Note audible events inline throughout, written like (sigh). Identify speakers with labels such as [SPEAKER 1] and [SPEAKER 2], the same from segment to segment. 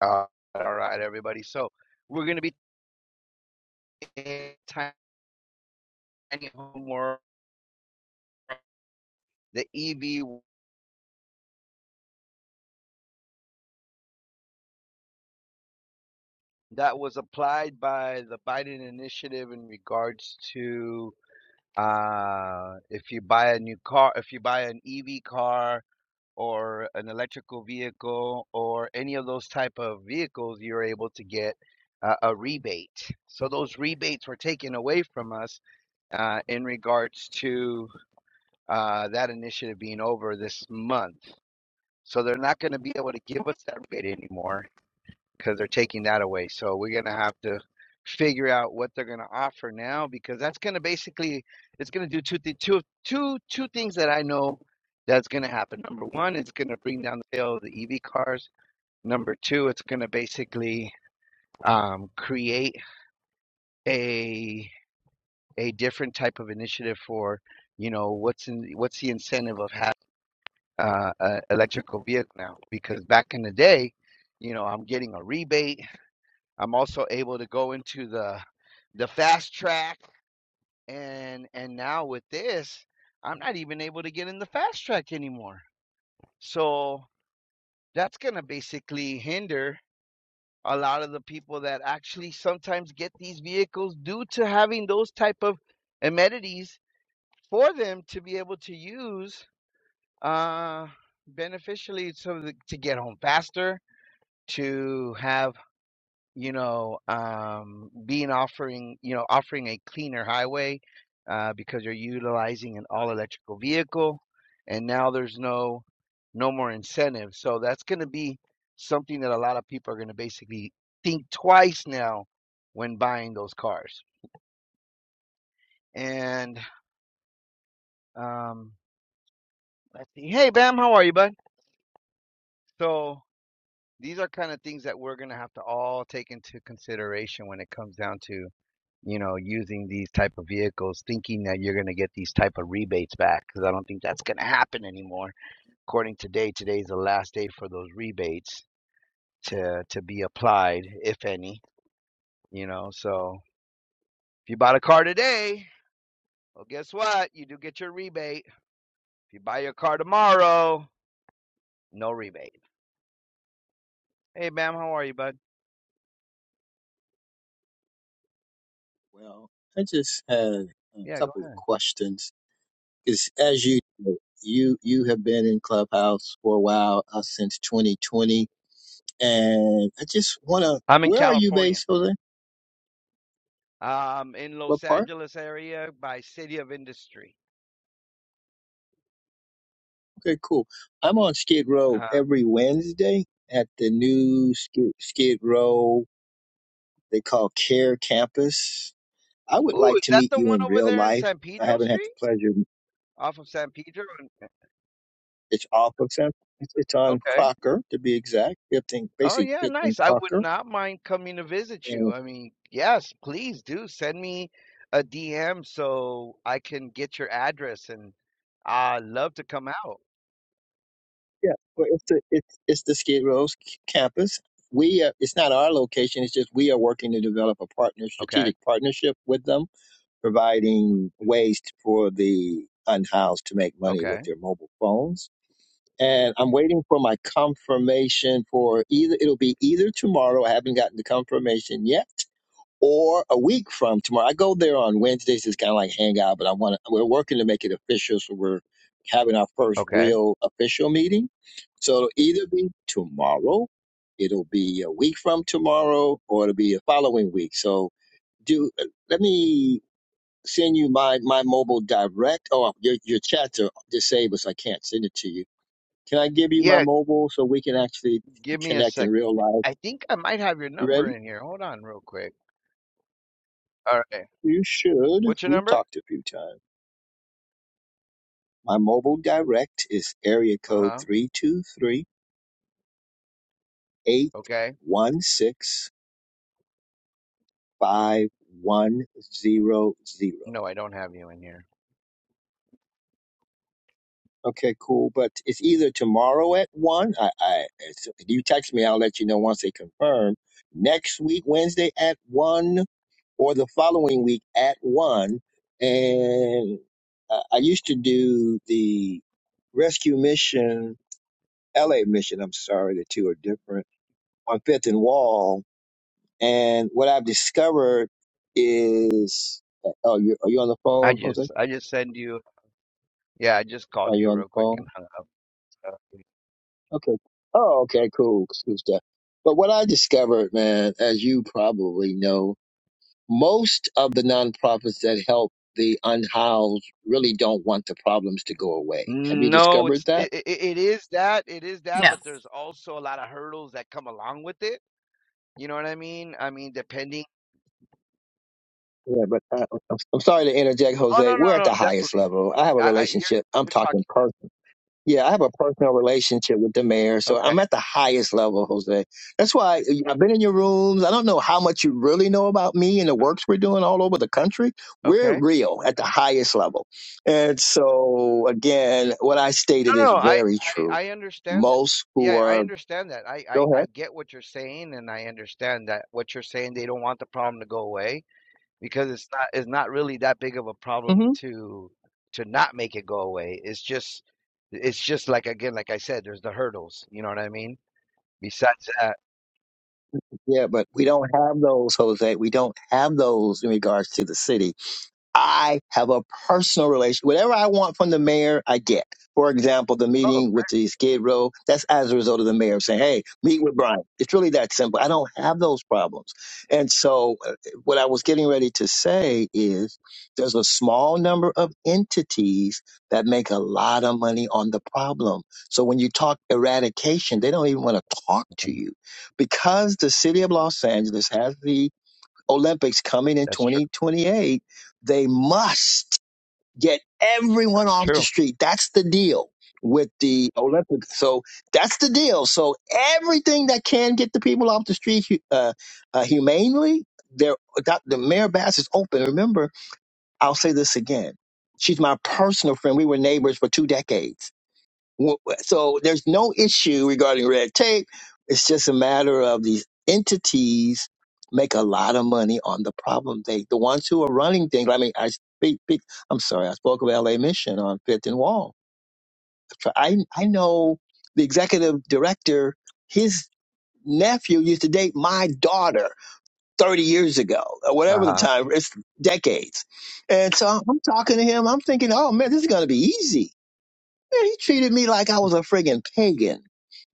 [SPEAKER 1] Uh, all right, everybody. So we're going to be in tiny homework, the EV that was applied by the Biden initiative in regards to uh, if you buy a new car, if you buy an EV car or an electrical vehicle or any of those type of vehicles, you're able to get uh, a rebate. So those rebates were taken away from us uh, in regards to uh, that initiative being over this month. So they're not going to be able to give us that rate anymore because they're taking that away. So we're going to have to figure out what they're going to offer now because that's going to basically it's going to do two, th- two, two, two things that I know that's going to happen. Number one, it's going to bring down the sale of the EV cars. Number two, it's going to basically um, create a a different type of initiative for you know what's in what's the incentive of having uh, uh, electrical vehicle now because back in the day, you know, I'm getting a rebate. I'm also able to go into the the fast track, and and now with this, I'm not even able to get in the fast track anymore. So that's gonna basically hinder a lot of the people that actually sometimes get these vehicles due to having those type of amenities for them to be able to use uh beneficially so that, to get home faster to have you know um, being offering you know offering a cleaner highway uh, because you're utilizing an all electrical vehicle and now there's no no more incentive so that's going to be something that a lot of people are going to basically think twice now when buying those cars and um, let's see hey bam how are you bud so these are kind of things that we're going to have to all take into consideration when it comes down to you know, using these type of vehicles, thinking that you're going to get these type of rebates back, because I don't think that's going to happen anymore. According to today, today's the last day for those rebates to to be applied, if any. You know, so if you bought a car today, well, guess what? You do get your rebate. If you buy your car tomorrow, no rebate. Hey, Bam, how are you, bud?
[SPEAKER 2] Well, I just had a
[SPEAKER 1] Yeah, go
[SPEAKER 2] couple
[SPEAKER 1] ahead.
[SPEAKER 2] of questions because, as you know, you you have been in Clubhouse for a while uh, since 2020, and I just want to.
[SPEAKER 1] I'm in
[SPEAKER 2] Where are you
[SPEAKER 1] California.
[SPEAKER 2] based, Jose?
[SPEAKER 1] Um, in
[SPEAKER 2] What
[SPEAKER 1] Los
[SPEAKER 2] part?
[SPEAKER 1] Angeles area by City of Industry.
[SPEAKER 2] Okay, cool. I'm on Skid Row
[SPEAKER 1] Uh,
[SPEAKER 2] every Wednesday at the new Skid, Skid Row they call Care Campus. I would
[SPEAKER 1] ooh,
[SPEAKER 2] like
[SPEAKER 1] is
[SPEAKER 2] to
[SPEAKER 1] that
[SPEAKER 2] meet
[SPEAKER 1] the one
[SPEAKER 2] you in
[SPEAKER 1] over
[SPEAKER 2] real
[SPEAKER 1] there in
[SPEAKER 2] life.
[SPEAKER 1] San
[SPEAKER 2] I
[SPEAKER 1] Pedro
[SPEAKER 2] haven't had
[SPEAKER 1] Street?
[SPEAKER 2] the pleasure.
[SPEAKER 1] Off of San Pedro and eh,
[SPEAKER 2] It's off of San. It's it's on
[SPEAKER 1] okay.
[SPEAKER 2] Crocker to be exact. 15,
[SPEAKER 1] Oh
[SPEAKER 2] basically
[SPEAKER 1] yeah,
[SPEAKER 2] 15
[SPEAKER 1] nice. I would
[SPEAKER 2] Crocker
[SPEAKER 1] not mind coming to visit you.
[SPEAKER 2] And
[SPEAKER 1] I mean, yes, please do send me a DM so I can get your address and I love to come out.
[SPEAKER 2] yeah, well, it's the it's it's the Skid Row's c- campus. We are, it's not our location. It's just we are working to develop a partner,
[SPEAKER 1] Okay.
[SPEAKER 2] strategic partnership with them, providing ways t- for the unhoused to make money with
[SPEAKER 1] Okay.
[SPEAKER 2] their mobile phones. And I'm waiting for my confirmation for either. It'll be either tomorrow. I haven't gotten the confirmation yet, or a week from tomorrow. I go there on Wednesdays. It's kind of like hang out, but I want to. We're working to make it official, so we're having our first
[SPEAKER 1] Okay.
[SPEAKER 2] real official meeting. So it'll either be tomorrow, it'll be a week from tomorrow, or it'll be a following week. So do let me send you my my mobile direct. Oh, your your chats are disabled, so I can't send it to you. Can I give you my
[SPEAKER 1] Yeah,
[SPEAKER 2] mobile so we can actually
[SPEAKER 1] give me a
[SPEAKER 2] connect in
[SPEAKER 1] sec.
[SPEAKER 2] real life?
[SPEAKER 1] I think I might have your
[SPEAKER 2] You
[SPEAKER 1] number
[SPEAKER 2] ready?
[SPEAKER 1] in here. Hold on real quick. All right.
[SPEAKER 2] You should.
[SPEAKER 1] What's your
[SPEAKER 2] We've
[SPEAKER 1] number?
[SPEAKER 2] talked a few times. My mobile direct is area code
[SPEAKER 1] Uh-huh.
[SPEAKER 2] three two three eight
[SPEAKER 1] Okay.
[SPEAKER 2] one six five one zero zero.
[SPEAKER 1] No, I don't have you in here.
[SPEAKER 2] Okay, cool. But it's either tomorrow at 1. I, I, it's- you text me, I'll let you know once they confirm. Next week, Wednesday at 1 or the following week at 1. And uh, I used to do the rescue mission, LA mission, I'm sorry, the two are different, on Fifth and Wall And what I've discovered is, oh, you are you on the
[SPEAKER 1] I
[SPEAKER 2] phone, Jose?
[SPEAKER 1] just I just send you. Yeah, I just called
[SPEAKER 2] Are you
[SPEAKER 1] you
[SPEAKER 2] on the
[SPEAKER 1] real quick
[SPEAKER 2] phone?
[SPEAKER 1] and hung up. So.
[SPEAKER 2] Okay. Oh, okay, cool. Excuse that. But what I discovered, man, as you probably know, most of the nonprofits that help the unhoused really don't want the problems to go away. Have you
[SPEAKER 1] No,
[SPEAKER 2] discovered
[SPEAKER 1] it's
[SPEAKER 2] that?
[SPEAKER 1] it, it, it is that it is that, but
[SPEAKER 3] Yes.
[SPEAKER 1] there's also a lot of hurdles that come along with it. You know what I mean? I mean, depending.
[SPEAKER 2] Yeah, but I, I'm I'm sorry to interject,
[SPEAKER 1] Oh no,
[SPEAKER 2] Jose.
[SPEAKER 1] no,
[SPEAKER 2] We're at
[SPEAKER 1] no,
[SPEAKER 2] the highest
[SPEAKER 1] definitely.
[SPEAKER 2] level. I have a
[SPEAKER 1] I, I you're
[SPEAKER 2] relationship. I'm
[SPEAKER 1] you're
[SPEAKER 2] talking
[SPEAKER 1] talking.
[SPEAKER 2] personal. Yeah, I have a personal relationship with the mayor, so
[SPEAKER 1] Okay,
[SPEAKER 2] I'm at the highest level, Jose. That's why I've been in your rooms. I don't know how much you really know about me and the works we're doing all over the country. We're
[SPEAKER 1] okay.
[SPEAKER 2] real
[SPEAKER 1] okay.
[SPEAKER 2] at the highest level. And so, again, what I stated
[SPEAKER 1] No,
[SPEAKER 2] is
[SPEAKER 1] no, I,
[SPEAKER 2] very
[SPEAKER 1] I
[SPEAKER 2] true.
[SPEAKER 1] I understand. that.
[SPEAKER 2] Most who
[SPEAKER 1] Yeah, I
[SPEAKER 2] are,
[SPEAKER 1] understand that. I, I
[SPEAKER 2] go ahead.
[SPEAKER 1] I get what you're saying, and I understand that what you're saying. They don't want the problem to go away. because it's not it's not really that big of a problem
[SPEAKER 2] hmm
[SPEAKER 1] to to not make it go away. It's just it's just like again, like I said, there's the hurdles. You know what I mean? Besides that,
[SPEAKER 2] Yeah, but we don't have those, Jose. We don't have those in regards to the city I have a personal relation. Whatever I want from the mayor, I get. For example, the
[SPEAKER 1] oh,
[SPEAKER 2] meeting with the Skid Row, that's as a result of the mayor saying, hey, meet with Brian. It's really that simple. I don't have those problems. And so, uh, what I was getting ready to say is there's a small number of entities that make a lot of money on the problem. So, when you talk eradication, they don't even want to talk to
[SPEAKER 1] mhm,
[SPEAKER 2] you because the city of Los Angeles has the Olympics coming in
[SPEAKER 1] that's true.
[SPEAKER 2] 2028, they must get everyone
[SPEAKER 1] That's
[SPEAKER 2] off the
[SPEAKER 1] true.
[SPEAKER 2] street. That's the deal with the Olympics. So that's the deal. So everything that can get the people off the street hu- uh, uh, humanely, they're, that, the Mayor Bass is open. Remember, I'll say this again. She's my personal friend. We were neighbors for two decades W- w- So there's no issue regarding red tape. It's just a matter of these entities make a lot of money on the problem. They, the ones who are running things. I mean, I speak, speak- I'm sorry, I spoke of LA Mission on Fifth and Wall. I, I know the executive director, his nephew used to date my daughter 30 years ago or
[SPEAKER 1] Uh
[SPEAKER 2] whatever the
[SPEAKER 1] huh.
[SPEAKER 2] time, it's decades. And so I'm talking to him. I'm thinking, oh man, this is going to be easy Man, he treated me like I was a friggin' pagan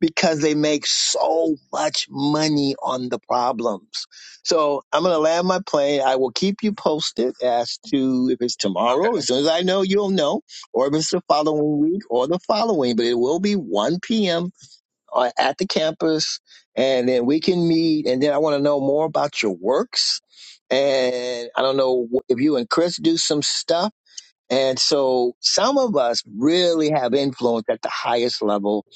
[SPEAKER 2] because they make so much money on the problems. So I'm gonna land my plane. I will keep you posted as to if it's tomorrow. As soon as I know, you'll know, or if it's the following week or the following. But it will be 1 p.m. uh, at the campus, and then we can meet. And then I want to know more about your works. And I don't know wh- if you and Chris do some stuff and so some of us really have influence at the highest level.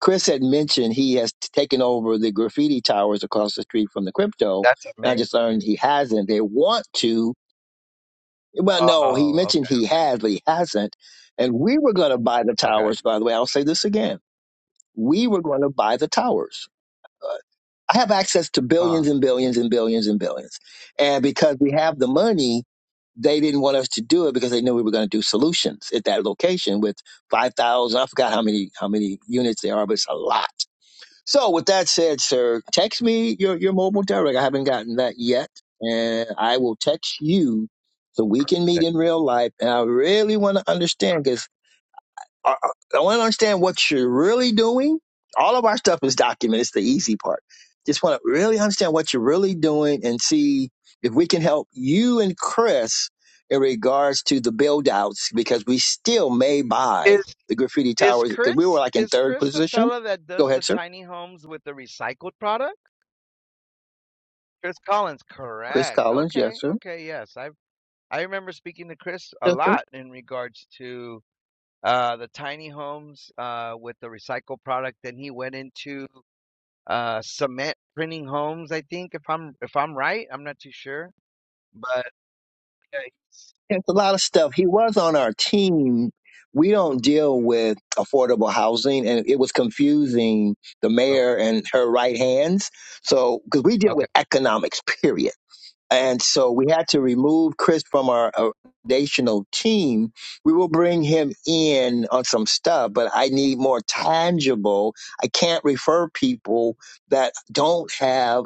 [SPEAKER 2] Chris had mentioned he has taken over the graffiti towers across the street from the crypto.
[SPEAKER 1] That's
[SPEAKER 2] And I
[SPEAKER 1] amazing.
[SPEAKER 2] just learned he hasn't. They want to. Well,
[SPEAKER 1] Oh,
[SPEAKER 2] no, he
[SPEAKER 1] oh,
[SPEAKER 2] mentioned
[SPEAKER 1] okay,
[SPEAKER 2] he has, but he hasn't. And we were going to buy the
[SPEAKER 1] okay.
[SPEAKER 2] towers, by the way. I'll say this again. We were going to buy the towers I have access to billions
[SPEAKER 1] Oh,
[SPEAKER 2] and billions and billions and billions. And because we have the money, they didn't want us to do it because they knew we were going to do solutions at that location with 5,000. I forgot how many, how many units there are, but it's a lot. So with that said, sir, text me your, your mobile direct. I haven't gotten that yet. And I will text you so we can meet
[SPEAKER 1] okay.
[SPEAKER 2] in real life. And I really want to understand because. I, I I want to understand what you're really doing. All of our stuff is documented. It's the easy part. Just want to really understand what you're really doing and see if we can help you and Chris in regards to the build outs because we still may buy
[SPEAKER 1] Is
[SPEAKER 2] the graffiti
[SPEAKER 1] is
[SPEAKER 2] towers because we were
[SPEAKER 1] Chris
[SPEAKER 2] like in
[SPEAKER 1] is
[SPEAKER 2] third
[SPEAKER 1] Chris the
[SPEAKER 2] position.
[SPEAKER 1] fella that
[SPEAKER 2] Go
[SPEAKER 1] does the
[SPEAKER 2] ahead, sir.
[SPEAKER 1] tiny homes with the recycled product? Chris Collins,
[SPEAKER 2] Chris
[SPEAKER 1] correct.
[SPEAKER 2] Collins. Yes,
[SPEAKER 1] Okay, okay, yes. I I remember speaking to Chris a
[SPEAKER 2] sir.
[SPEAKER 1] lot in regards to uh, the tiny homes uh, with the recycled product. Then he went into uh, cement printing homes. I think if I'm if I'm right, I'm not too sure. But yeah, he's-
[SPEAKER 2] It's a lot of stuff. He was on our team. We don't deal with affordable housing, and it was confusing the
[SPEAKER 1] okay,
[SPEAKER 2] mayor and her right hands. So, because we deal with
[SPEAKER 1] okay,
[SPEAKER 2] economics, (laughs) period. And so we had to remove Chris from our uh, foundational team. We will bring him in on some stuff, but I need more tangible. I can't refer people that don't have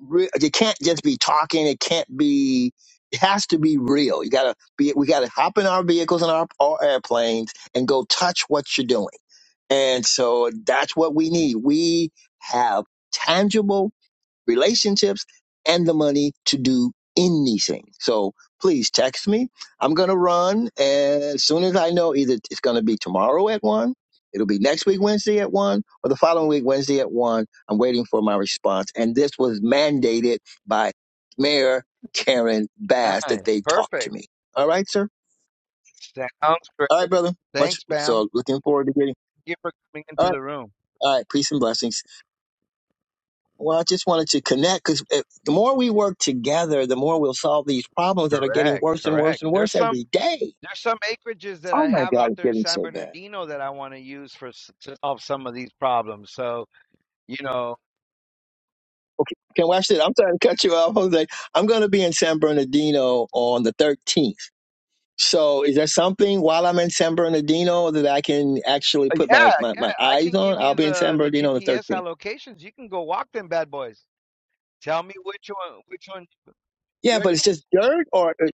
[SPEAKER 2] re- you can't just be talking. It can't be. It has to be real. You gotta be. We gotta hop in our vehicles and our, our airplanes and go touch what you're doing. And so that's what we need. We have tangible relationships and the money to do anything. So please text me. I'm going to run as soon as I know either it's going to be tomorrow at one, it'll be next week, Wednesday at one, or the following week, Wednesday at one. I'm waiting for my response. And this was mandated by Mayor Karen Bass that
[SPEAKER 1] nice,
[SPEAKER 2] they talk to
[SPEAKER 1] perfect.
[SPEAKER 2] me. All right, sir.
[SPEAKER 1] Sounds
[SPEAKER 2] All right,
[SPEAKER 1] great.
[SPEAKER 2] brother. Much
[SPEAKER 1] Thanks, Bam.
[SPEAKER 2] so looking forward to getting.
[SPEAKER 1] Thank you for coming
[SPEAKER 2] All
[SPEAKER 1] into
[SPEAKER 2] right.
[SPEAKER 1] the room.
[SPEAKER 2] All right. Peace and blessings. Well, I just wanted to connect because the more we work together, the more we'll solve these problems that are getting
[SPEAKER 1] Correct,
[SPEAKER 2] worse and worse
[SPEAKER 1] correct.
[SPEAKER 2] and
[SPEAKER 1] There's
[SPEAKER 2] worse
[SPEAKER 1] some
[SPEAKER 2] every day.
[SPEAKER 1] there's some acreages that
[SPEAKER 2] Oh
[SPEAKER 1] I
[SPEAKER 2] my
[SPEAKER 1] have
[SPEAKER 2] God,
[SPEAKER 1] out
[SPEAKER 2] it's
[SPEAKER 1] there in
[SPEAKER 2] getting
[SPEAKER 1] San
[SPEAKER 2] so bad.
[SPEAKER 1] Bernardino that I want to use for s- to solve some of these problems. So you know.
[SPEAKER 2] Okay, can watch it. I'm trying to cut you off, Jose. I'm going to be in San Bernardino on the 13th. So, is there something while I'm in San Bernardino that I can actually
[SPEAKER 1] Uh,
[SPEAKER 2] put my,
[SPEAKER 1] Yeah,
[SPEAKER 2] my,
[SPEAKER 1] yeah.
[SPEAKER 2] my
[SPEAKER 1] I
[SPEAKER 2] eyes
[SPEAKER 1] can
[SPEAKER 2] on?
[SPEAKER 1] give
[SPEAKER 2] I'll
[SPEAKER 1] you
[SPEAKER 2] be in San
[SPEAKER 1] the the
[SPEAKER 2] Bernardino on the
[SPEAKER 1] GPS
[SPEAKER 2] 13th.
[SPEAKER 1] allocations. You can go walk them bad boys. Tell me which one, which one.
[SPEAKER 2] Yeah,
[SPEAKER 1] They're
[SPEAKER 2] but it's just
[SPEAKER 1] just
[SPEAKER 2] dirt, or or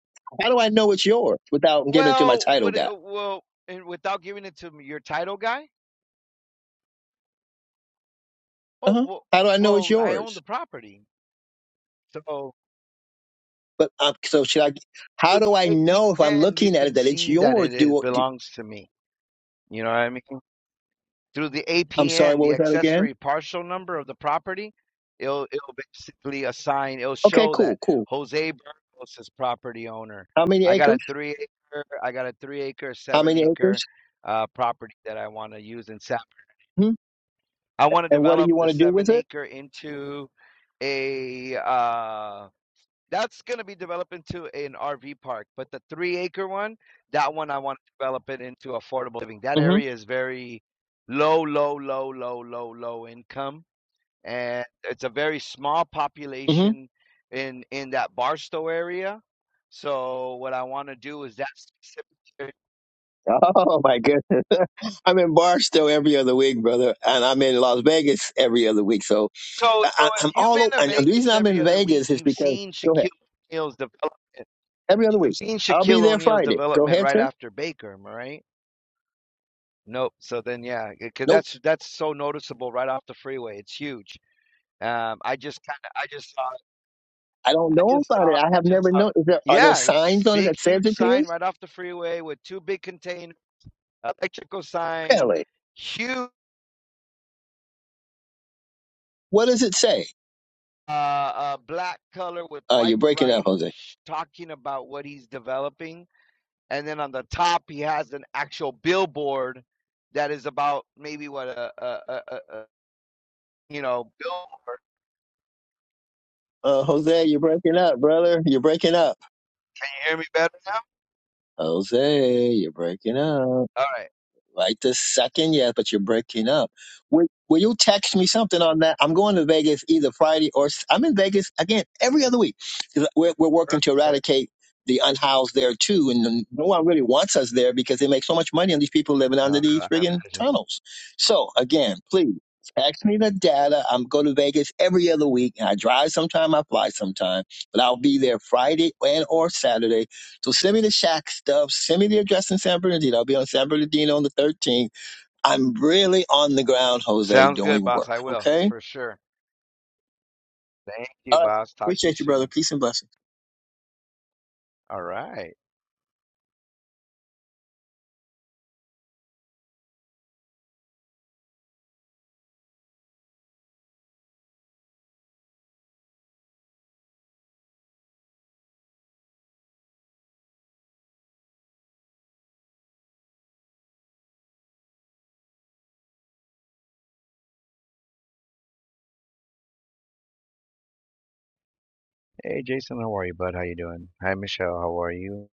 [SPEAKER 2] how do I know it's yours without giving it to my
[SPEAKER 1] well,
[SPEAKER 2] title
[SPEAKER 1] what? it-
[SPEAKER 2] guy?
[SPEAKER 1] Well, and without giving it to m- your title guy.
[SPEAKER 2] Uh
[SPEAKER 1] Oh,
[SPEAKER 2] huh.
[SPEAKER 1] well,
[SPEAKER 2] How do I know it's
[SPEAKER 1] well, I own
[SPEAKER 2] yours?
[SPEAKER 1] the property, so
[SPEAKER 2] But um, so should I? How
[SPEAKER 1] through
[SPEAKER 2] do I
[SPEAKER 1] the
[SPEAKER 2] know if I'm
[SPEAKER 1] APN, you
[SPEAKER 2] looking at it
[SPEAKER 1] can
[SPEAKER 2] that it's
[SPEAKER 1] see that
[SPEAKER 2] yours?
[SPEAKER 1] it, it
[SPEAKER 2] Do, do
[SPEAKER 1] belongs to me. You know what I mean? through the
[SPEAKER 2] I'm sorry,
[SPEAKER 1] APN,
[SPEAKER 2] what
[SPEAKER 1] the
[SPEAKER 2] was that again?
[SPEAKER 1] accessory partial number of the property, it'll it'll basically assign, it'll
[SPEAKER 2] Okay,
[SPEAKER 1] show
[SPEAKER 2] cool,
[SPEAKER 1] that
[SPEAKER 2] cool.
[SPEAKER 1] Jose Burgos is property owner.
[SPEAKER 2] How many
[SPEAKER 1] I got
[SPEAKER 2] acres?
[SPEAKER 1] a three acre, I got a three acre,
[SPEAKER 2] How
[SPEAKER 1] seven
[SPEAKER 2] many
[SPEAKER 1] acre
[SPEAKER 2] acres?
[SPEAKER 1] uh property that I want to use in Sap.
[SPEAKER 2] hmm
[SPEAKER 1] I want to
[SPEAKER 2] And what do
[SPEAKER 1] develop
[SPEAKER 2] you
[SPEAKER 1] the
[SPEAKER 2] want to do
[SPEAKER 1] seven
[SPEAKER 2] with it?
[SPEAKER 1] acre into a uh that's going to be developed into an RV park, but the three acre one, that one I want to develop it into affordable living. That
[SPEAKER 2] Mm-hmm.
[SPEAKER 1] area is very low, low, low, low, low, low income, and it's a very small
[SPEAKER 2] Mm-hmm.
[SPEAKER 1] population in in that Barstow area. So what I want to do is that specific. area.
[SPEAKER 2] Oh my goodness! (laughs) I'm in Barstow every other week, brother, and I'm in Las Vegas every other week. So
[SPEAKER 1] So
[SPEAKER 2] I,
[SPEAKER 1] so
[SPEAKER 2] I- I'm
[SPEAKER 1] if you've
[SPEAKER 2] all
[SPEAKER 1] been
[SPEAKER 2] over.
[SPEAKER 1] to
[SPEAKER 2] And the reason
[SPEAKER 1] Vegas
[SPEAKER 2] I'm
[SPEAKER 1] every
[SPEAKER 2] in
[SPEAKER 1] other week,
[SPEAKER 2] Vegas is
[SPEAKER 1] you've
[SPEAKER 2] because
[SPEAKER 1] seen
[SPEAKER 2] go ahead
[SPEAKER 1] Shaquille O'Neal's development.
[SPEAKER 2] every other
[SPEAKER 1] You've
[SPEAKER 2] week.
[SPEAKER 1] seen
[SPEAKER 2] I'll be
[SPEAKER 1] Shaquille
[SPEAKER 2] there
[SPEAKER 1] O'Neal's
[SPEAKER 2] Friday. Go
[SPEAKER 1] development
[SPEAKER 2] ahead,
[SPEAKER 1] right
[SPEAKER 2] sir.
[SPEAKER 1] after Baker, right? Nope. So then, yeah, because
[SPEAKER 2] Nope,
[SPEAKER 1] that's that's so noticeable right off the freeway. It's huge. Um, I just kind of, I just saw,
[SPEAKER 2] I don't
[SPEAKER 1] I
[SPEAKER 2] know
[SPEAKER 1] just
[SPEAKER 2] about it.
[SPEAKER 1] saw,
[SPEAKER 2] I
[SPEAKER 1] I
[SPEAKER 2] have
[SPEAKER 1] just
[SPEAKER 2] never
[SPEAKER 1] saw.
[SPEAKER 2] known. Is there are there
[SPEAKER 1] Yeah, this
[SPEAKER 2] signs on it
[SPEAKER 1] big,
[SPEAKER 2] that says
[SPEAKER 1] huge
[SPEAKER 2] it
[SPEAKER 1] sign
[SPEAKER 2] is?
[SPEAKER 1] right off the freeway with two big containers, electrical sign,
[SPEAKER 2] Really?
[SPEAKER 1] huge,
[SPEAKER 2] What does it say?
[SPEAKER 1] uh, uh, black color with
[SPEAKER 2] Uh, you're
[SPEAKER 1] white
[SPEAKER 2] breaking up,
[SPEAKER 1] writing,
[SPEAKER 2] Jose.
[SPEAKER 1] sh- talking about what he's developing. And then on the top, he has an actual billboard that is about maybe what a, a, a, a, a you know, bill.
[SPEAKER 2] Uh, Jose, you're breaking up, brother. You're breaking up.
[SPEAKER 1] Can you hear me better now?
[SPEAKER 2] Jose, you're breaking up.
[SPEAKER 1] All right.
[SPEAKER 2] right this second. Yeah, but you're breaking up. Will, will you text me something on that? I'm going to Vegas either Friday or s- I'm in Vegas again every other week. 'Cause We're, we're working to
[SPEAKER 1] Perfect.
[SPEAKER 2] eradicate the unhoused there too, and no one really wants us there because they make so much money on these people living
[SPEAKER 1] No,
[SPEAKER 2] under
[SPEAKER 1] I
[SPEAKER 2] these
[SPEAKER 1] I
[SPEAKER 2] friggin'
[SPEAKER 1] imagine.
[SPEAKER 2] tunnels. So again, please. Text me the data. I'm going to Vegas every other week. and I drive sometime, I fly sometime, but I'll be there Friday and or Saturday so send me the shack stuff. Send me the address in San Bernardino. I'll be on San Bernardino on the 13th. I'm really on the ground, Jose,
[SPEAKER 1] Sounds good,
[SPEAKER 2] doing
[SPEAKER 1] boss.
[SPEAKER 2] work.
[SPEAKER 1] I will,
[SPEAKER 2] Okay.
[SPEAKER 1] for sure. Thank you,
[SPEAKER 2] All right.
[SPEAKER 1] boss. Talk to you
[SPEAKER 2] Appreciate you, brother.
[SPEAKER 1] soon.
[SPEAKER 2] Peace and blessings.
[SPEAKER 1] All right. Hey, Jason, how are you, bud? How you doing? Hi, Michelle, how are you?